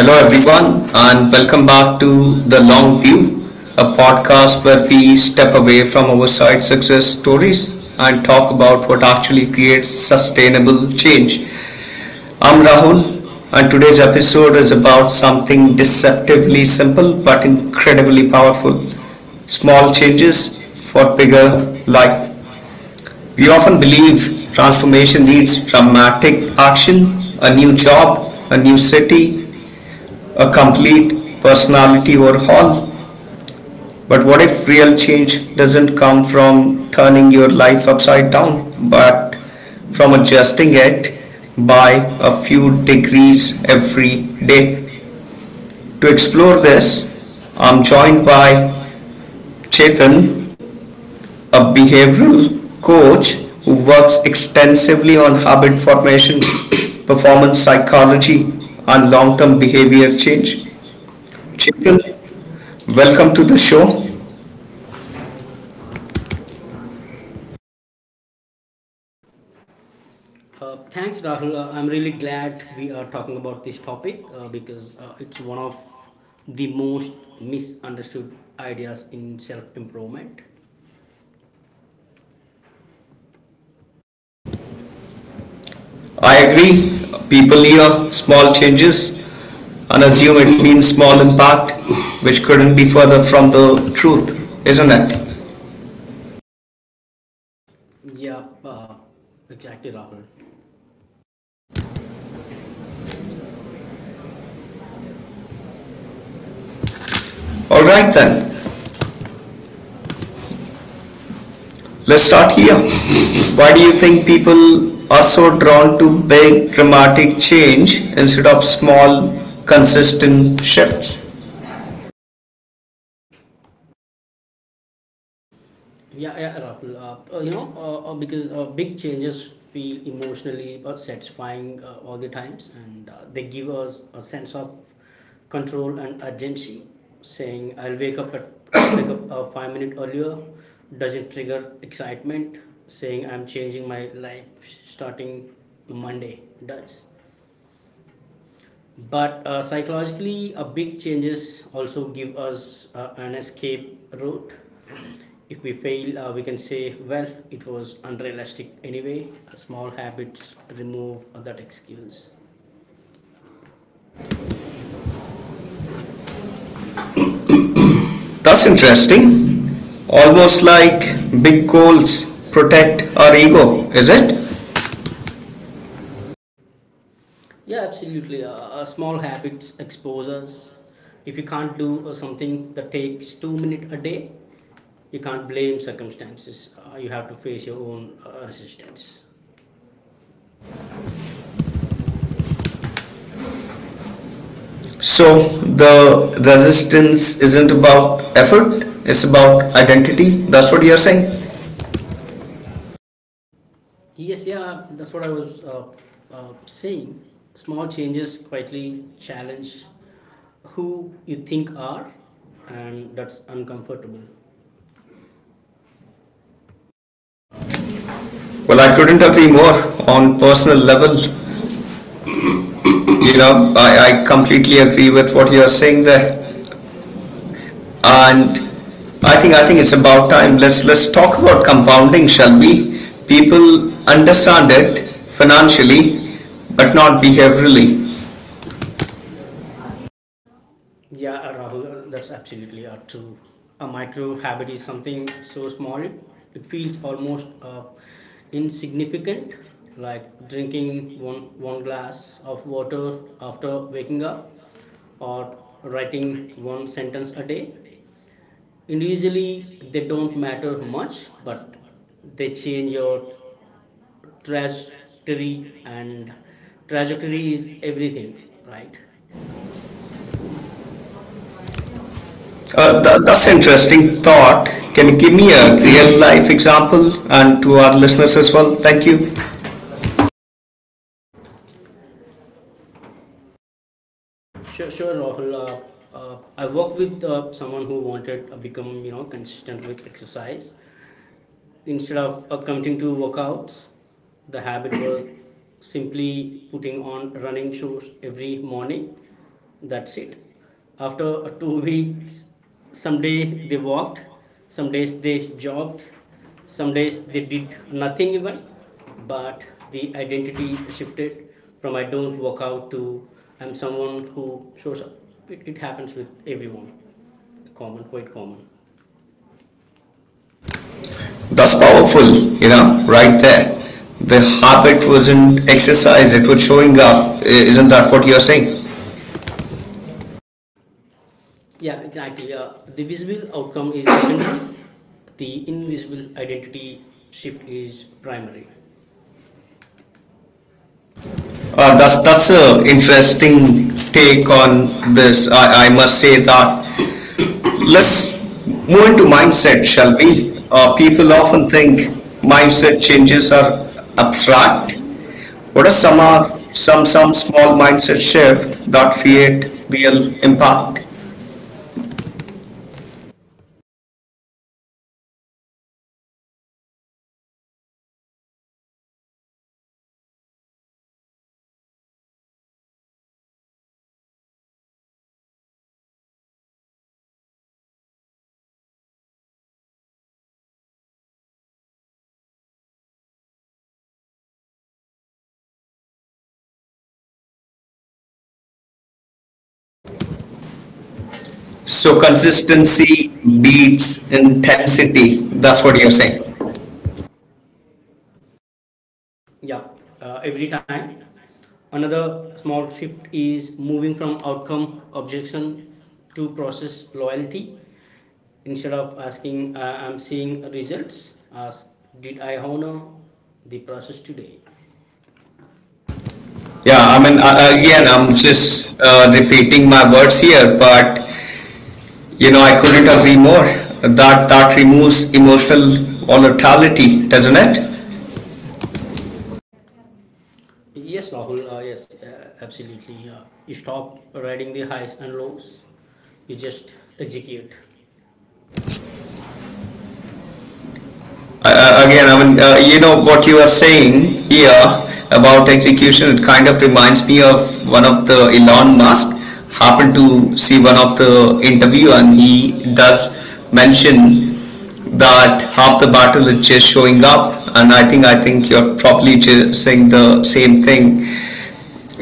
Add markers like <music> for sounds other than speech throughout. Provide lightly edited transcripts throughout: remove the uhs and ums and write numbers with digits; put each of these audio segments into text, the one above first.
Hello, everyone, and welcome back to The Long View, a podcast where we step away from oversight success stories and talk about what actually creates sustainable change. I'm Rahul, and today's episode is about something deceptively simple but incredibly powerful small changes for bigger life. We often believe transformation needs dramatic action, a new job, a new city, a complete personality overhaul. But what if real change doesn't come from turning your life upside down, but from adjusting it by a few degrees every day? To explore this, I'm joined by Chetan, a behavioral coach who works extensively on habit formation, <coughs> performance psychology, and long term behavior change. Chetan, welcome to the show. Thanks, Rahul. I'm really glad we are talking about this topic because it's one of the most misunderstood ideas in self improvement. I agree. People hear small changes and assume it means small impact, which couldn't be further from the truth, isn't it? Yeah, exactly, Rahul. All right Alright then. then, let's start here. Why do you think people are so drawn to big, dramatic change instead of small, consistent shifts? Yeah, yeah, Rahul. Because big changes feel emotionally satisfying all the times, and they give us a sense of control and urgency. Saying I'll wake up at <coughs> I'll wake up 5 minutes earlier doesn't trigger excitement. Saying I'm changing my life starting Monday does. But psychologically, a big changes also give us an escape route. If we fail, we can say, well, it was unrealistic anyway. Small habits remove that excuse. That's interesting. Almost like big goals protect our ego, is it? Yeah, absolutely. Small habits expose us. If you can't do something that takes 2 minutes a day, you can't blame circumstances. You have to face your own resistance. So the resistance isn't about effort, it's about identity. That's what you're saying. Yes, yeah, that's what I was saying. Small changes quietly challenge who you think are, and that's uncomfortable. Well, I couldn't agree more on personal level. You know, I completely agree with what you're saying there. And I think it's about time. Let's talk about compounding, shall we? People understand it financially, but not behaviorally. Yeah, Rahul, that's absolutely true. A micro habit is something so small, it feels almost insignificant, like drinking one glass of water after waking up, or writing one sentence a day. Individually they don't matter much, but they change your trajectory, and trajectory is everything, right? Uh, Uh, the- th- that's interesting thought. Can you give me a real life example and to our listeners as well? Thank you. Sure, sure, Rahul. I work with someone who wanted to become, you know, consistent with exercise. Instead of committing to workouts, the habit was <coughs> simply putting on running shoes every morning. That's it. After two <laughs> weeks, some days they walked, some days they jogged, some days they did nothing even. But the identity shifted from I don't work out to I'm someone who shows up. It happens with everyone. Common, quite common. That's powerful, you know, right there. The habit was not exercise, it was showing up. Isn't that what you're saying? Yeah, exactly. The visible outcome is <coughs> secondary, the invisible identity shift is primary. That's a interesting take on this. I must say that. Let's move Going into to mindset, mindset, shall shall we? we? People People often often think think mindset mindset changes changes are are abstract. abstract. What What are are some some are of some some some some small small mindset mindset shifts shift that that create create real real impact? impact? So So consistency consistency beats beats intensity. intensity. That's That's what what you're you're saying. saying. Yeah, every time. Another small shift is moving from outcome objection to process loyalty. Instead of asking, I'm seeing results, ask, did I honor the process today? Yeah, Yeah, I I mean, mean, again, again, I'm I'm just. just uh, repeating my words here, but you know, I couldn't agree more. That removes emotional volatility, doesn't it? Yes, Rahul, yes, absolutely. You stop riding the highs and lows, you just execute. Uh, again, I mean, you know what you are saying here about execution. It kind of reminds me of one of the Elon Musk. Happened to see one of the interview, and he does mention that half the battle is just showing up. And I think you're probably just saying the same thing.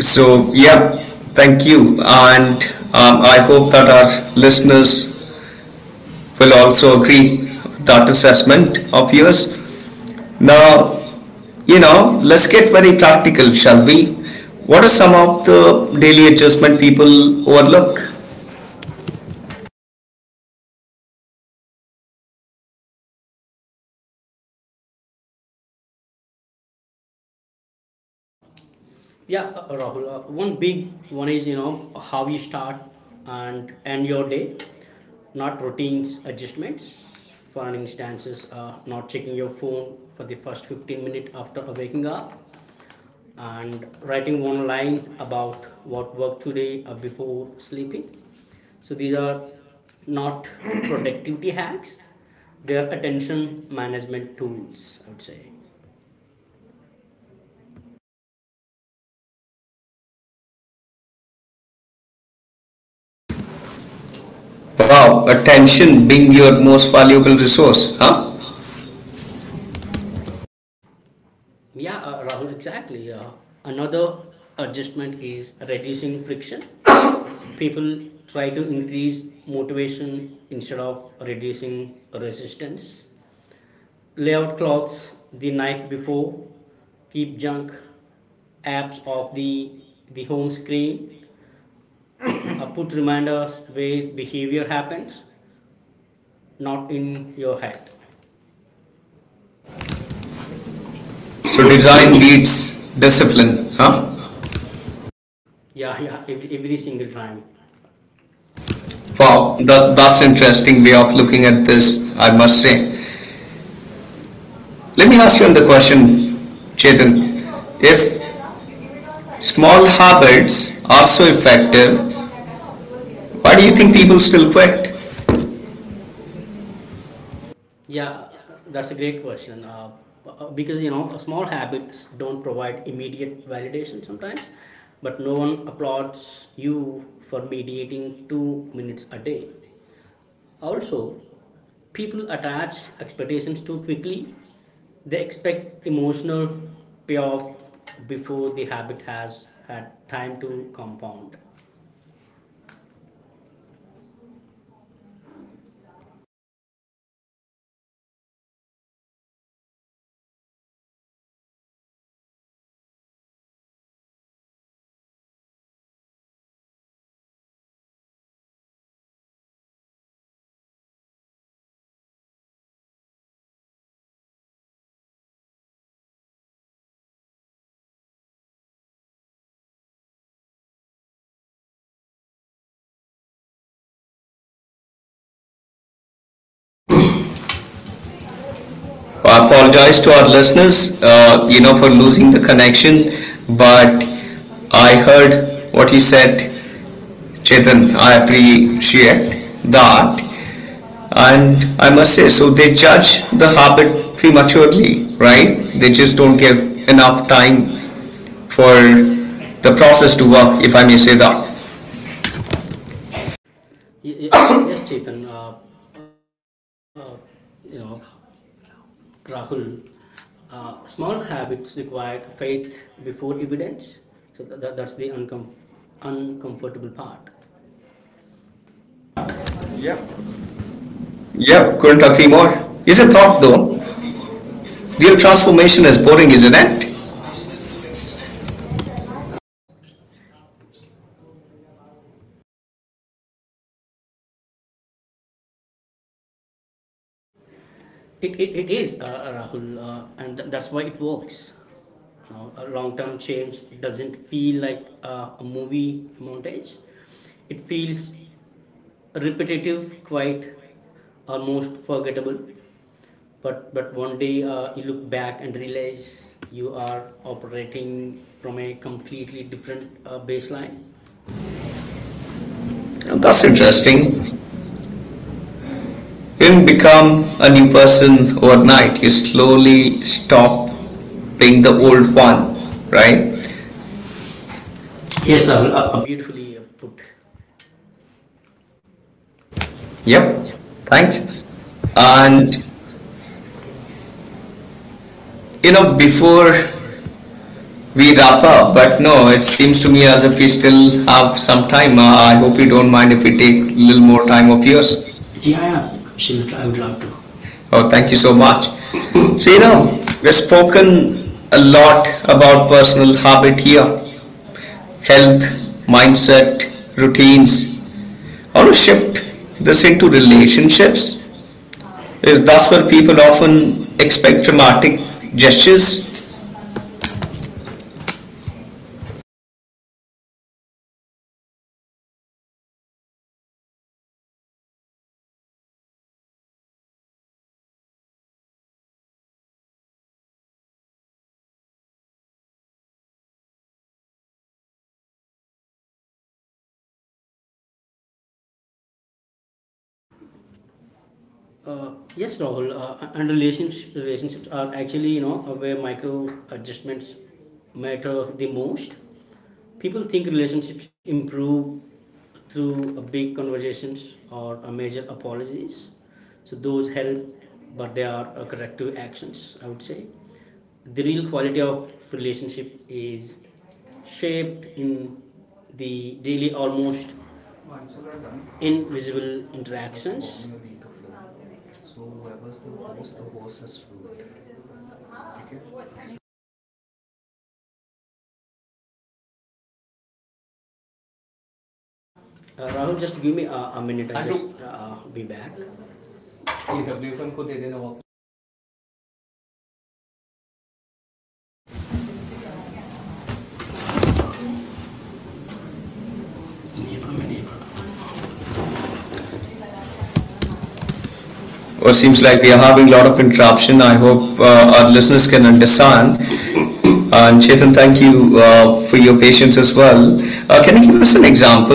So yeah, thank you, and I hope that our listeners will also agree with that assessment of yours. Now, you know, let's get very practical, shall we? What are some of the daily adjustment people overlook? Yeah, Rahul. One big one is, you know, how you start and end your day, not routines adjustments. For an instance, is not checking your phone for the first 15 minutes after waking up, and writing one line about what worked today before sleeping. So these are not <coughs> <clears throat> productivity hacks; they are attention management tools, I would say. Wow, attention being your most valuable resource, huh? Yeah, Rahul, exactly. Another adjustment is reducing friction. People try to increase motivation instead of reducing resistance. Lay out clothes the night before, keep junk apps off the home screen, put reminders where behavior happens, not in your head. So design needs discipline, huh? Yeah, yeah, every single time. Wow, that's an interesting way of looking at this, I must say. Let me ask you the question, Chetan. If small habits are so effective, why do you think people still quit? Yeah, that's a great question. Because, you know, small habits don't provide immediate validation sometimes, but no one applauds you for meditating 2 minutes a day. Also, people attach expectations too quickly. They expect emotional payoff before the habit has had time to compound. I apologize to our listeners, you know, for losing the connection, but I heard what he said, Chetan. I appreciate that, and I must say, so they judge the habit prematurely, right? They just don't give enough time for the process to work, if I may say that. Y- y- <coughs> yes, Chetan. Uh, you know, Rahul. Small habits require faith before evidence. So that's the uncomfortable part. Yep, Yep. couldn't agree more. Isn't thought though? Real transformation is boring, isn't it? It is, Rahul, and that's why it works. You know, a long term change doesn't feel like a movie montage, it feels repetitive, quite almost forgettable. But one day you look back and realize you are operating from a completely different baseline. That's That's interesting. interesting. You didn't become a new person overnight. You slowly stop being the old one, right? Yes, sir, beautifully put. Yep. Yep. Thanks. Thanks. And And you know, before we wrap up, but no, it seems to me as if we still have some time. I hope you don't mind if we take a a little little more more time time of of yours. yours. Yeah, absolutely. I would love to. Oh, thank you so much. So you know, we've spoken a lot about personal habit here health, mindset, routines. How to shift this into relationships. Is that's where people often expect dramatic gestures. Uh, yes, Rahul, and relationships are actually, you know, where micro adjustments matter the most. People think relationships improve through a big conversations or a major apologies. So those help, but they are corrective actions, I would say. The real quality of relationship is shaped in the daily, almost invisible interactions. Rahul, just give me a minute. I'll just be back. Or Or seems seems like. like we are having a lot of interruption. I hope our listeners can understand. And Chetan, thank you for your patience as well. Can you give us an example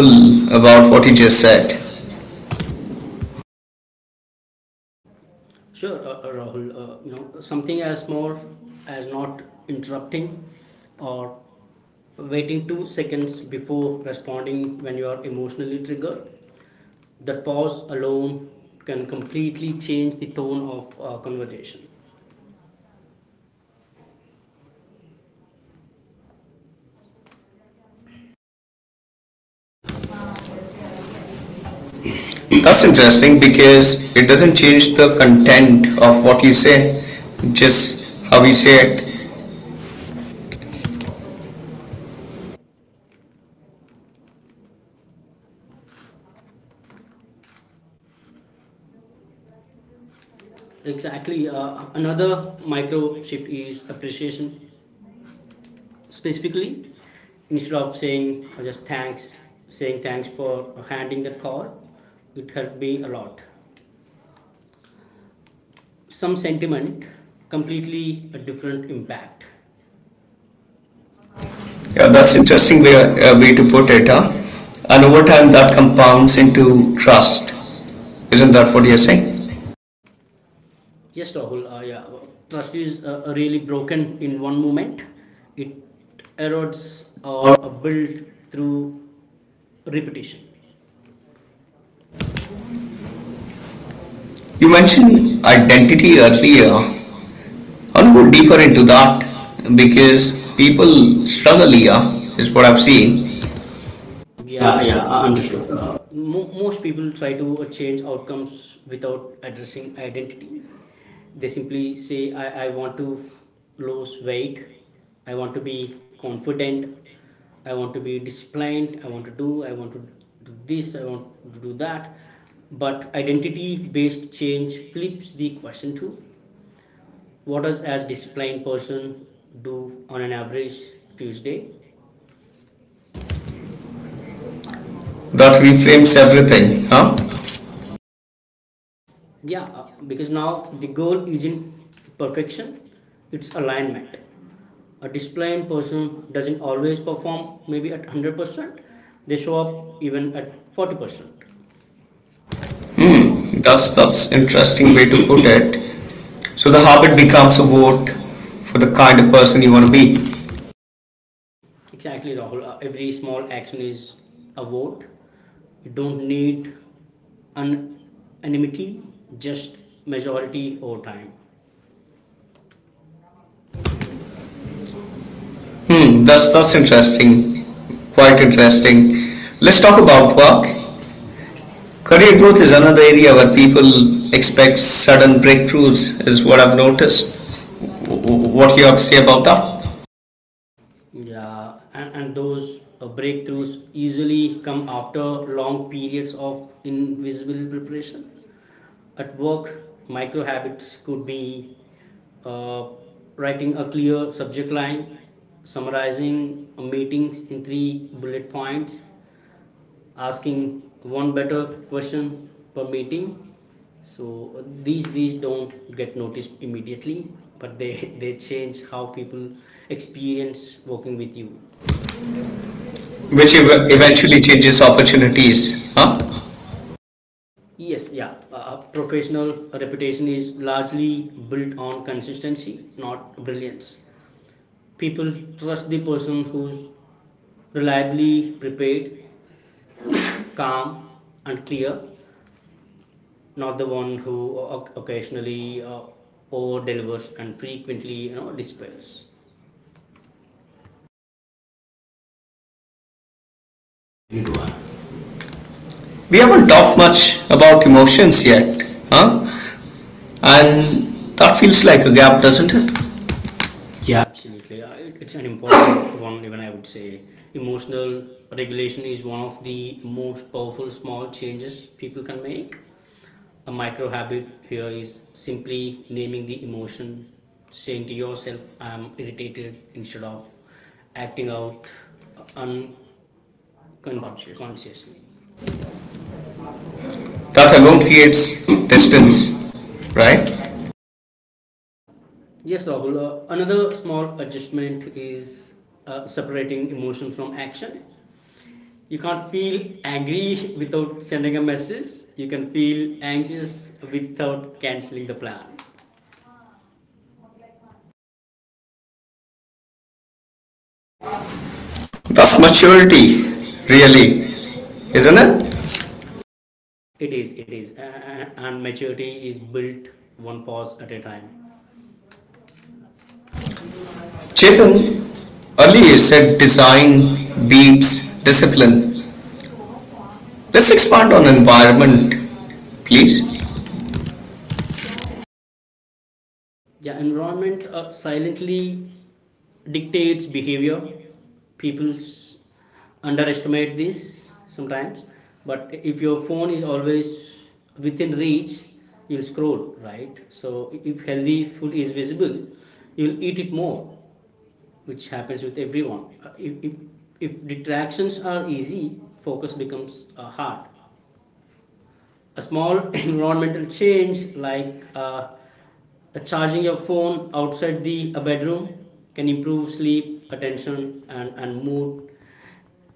about what you just said? Sure, Rahul. You know, something as small as not interrupting, or waiting 2 seconds before responding when you are emotionally triggered. That pause alone can completely change the tone of conversation. That's interesting because it doesn't change the content of what you say, just how you say it. Exactly. Another micro shift is appreciation. Specifically, instead of saying just thanks, saying thanks for handing the call, it helped me a lot, some sentiment, completely a different impact. Yeah. Yeah, that's interesting way, way to put it, huh? And over time, that compounds into trust. Isn't that what you're saying? Yes, Rahul, yeah, trust is really broken in one moment, it erodes or built through repetition. You You. mentioned identity earlier. I want to go deeper into that because people struggle here, is what I've seen. Yeah, yeah, understood. Most people try to change outcomes without addressing identity. They simply say, I want to lose weight, I want to be confident, I want to be disciplined, I want to do, I want to do this, I want to do that. But identity based change flips the question to, what does a disciplined person do on an average Tuesday? That reframes everything, huh? Yeah, because now the goal isn't perfection, it's alignment. A disciplined person doesn't always perform maybe at 100%, they show up even at 40%. Hmm. That's That's that's that's interesting way to put it. So the habit becomes a vote for the kind of person you want to be. exactly, Rahul. Every small action is a vote. You don't need an unanimity, just majority over time. Hmm, that's interesting. Quite interesting. Let's talk about work Career growth is another area where people expect sudden breakthroughs, is what I've noticed. W- What you have to say about that? Yeah, and those breakthroughs usually come after long periods of invisible preparation. At work, micro habits could be uh, writing a clear subject line, summarizing meetings in 3 bullet points, asking one better question per meeting. So these don't get noticed immediately, but they, <laughs> they change how people experience working with you, which Which ev- eventually. eventually changes opportunities. Huh? Yes, yeah. Professional reputation is largely built on consistency, not brilliance. People trust the person who's reliably prepared, calm, and clear, not the one who occasionally over delivers and frequently, you know, despairs. We haven't talked much about emotions yet, huh? And that feels like a gap, doesn't it? Yeah, absolutely. It's an important <coughs> one, even I would say. Emotional regulation is one of the most powerful small changes people can make. A micro habit here is simply naming the emotion, saying to yourself, I am irritated, instead of acting out unconsciously. That alone creates distance, right? Yes, Rahul. Another small adjustment is separating emotion from action. You can't feel angry without sending a message. You can feel anxious without canceling the plan. That's maturity, really, isn't it? It is. And maturity is built one pause at a time. Chetan, earlier said design beats discipline. Let's expand on environment, please. Yeah, environment silently dictates behavior. People s- underestimate this sometimes, but if your phone is always within reach, you'll scroll, right? So if healthy food is visible, you'll eat it more, which happens with everyone. If distractions are easy, focus becomes hard. A small <laughs> environmental change, like charging your phone outside the bedroom, can improve sleep attention and mood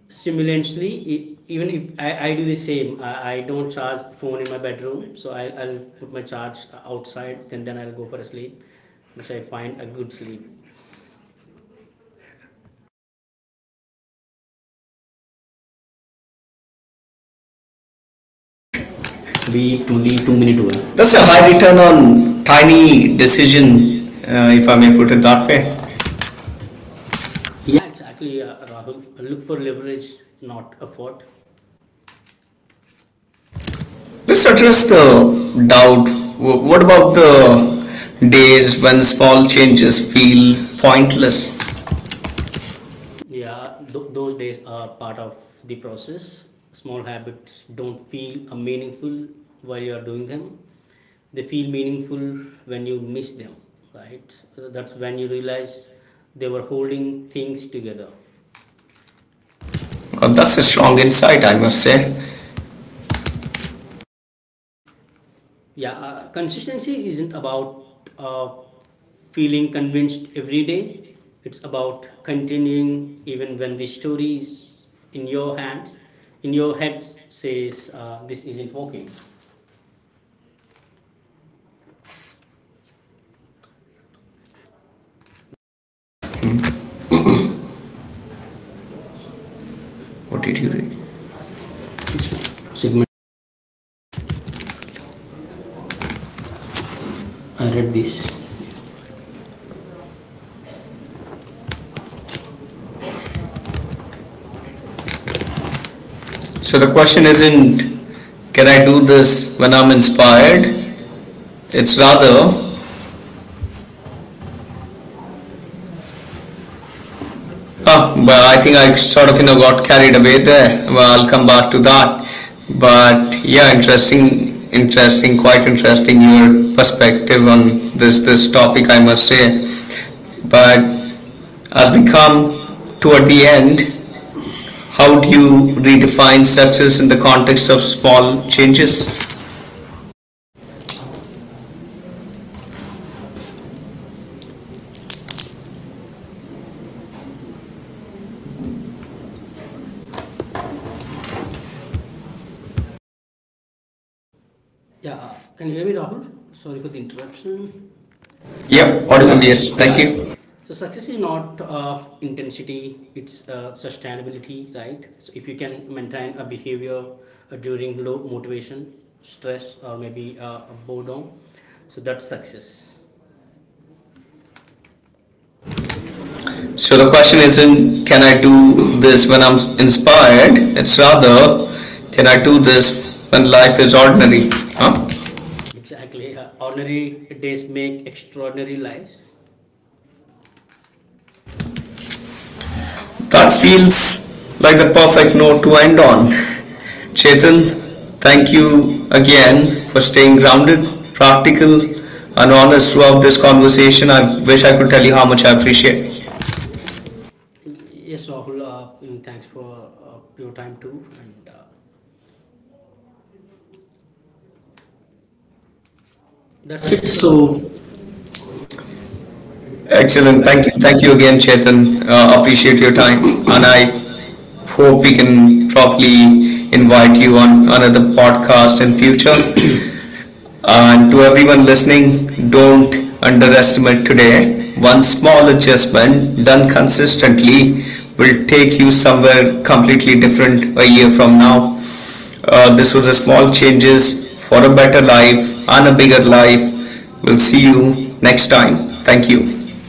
simultaneously. Even if I do the same, I don't charge the phone in my bedroom, so I'll put my charge outside, then I'll go for a sleep, which I find a good sleep. That's a high return on tiny decision, if I may put it that way. Yeah, exactly, Rahul. Look for leverage, not effort. Let's address the doubt. What about the days when small changes feel pointless? Yeah, those days are part of the process. Small habits don't feel meaningful while you are doing them. They feel meaningful when you miss them, right? That's when you realize they were holding things together. That's That's a strong insight, I must say. Yeah, consistency isn't about uh, feeling convinced every day. It's about continuing even when the story is in your hands, in your head, says this isn't working. What did you read? So the question isn't, can I do this when I'm inspired? It's rather, Oh, well, I think I sort of, you know, got carried away there. Well, I'll come back to that. But yeah, interesting, quite interesting your perspective on this topic, I must say. But as we come toward the end, how do you redefine success in the context of small changes? Yeah, can you hear me, Rahul? Sorry for the interruption. Yep, yeah. Yep, Audible, audible, yes, yes. like, Thank yeah, it. you. So success is not intensity; it's sustainability, right? So if you can maintain a behavior during low motivation, stress, or maybe boredom, so that's success. So the question isn't can I do this when I'm inspired? It's rather can I do this when life is ordinary? Huh? Exactly. Ordinary days make extraordinary lives. That feels like the perfect note to end on. Chetan, thank you again for staying grounded, practical, and honest throughout this conversation. I wish I could tell you how much I appreciate. Yes, Rahul. Thanks for your time too, and that's it. So excellent, Excellent. Thank you. Thank you again, Chetan. Appreciate your time, and I hope we can probably invite you on another podcast in future. And to everyone listening, don't underestimate today. One small adjustment done consistently will take you somewhere completely different a year from now. This was a small changes for a better life and a bigger life. We'll see you next time. Thank you.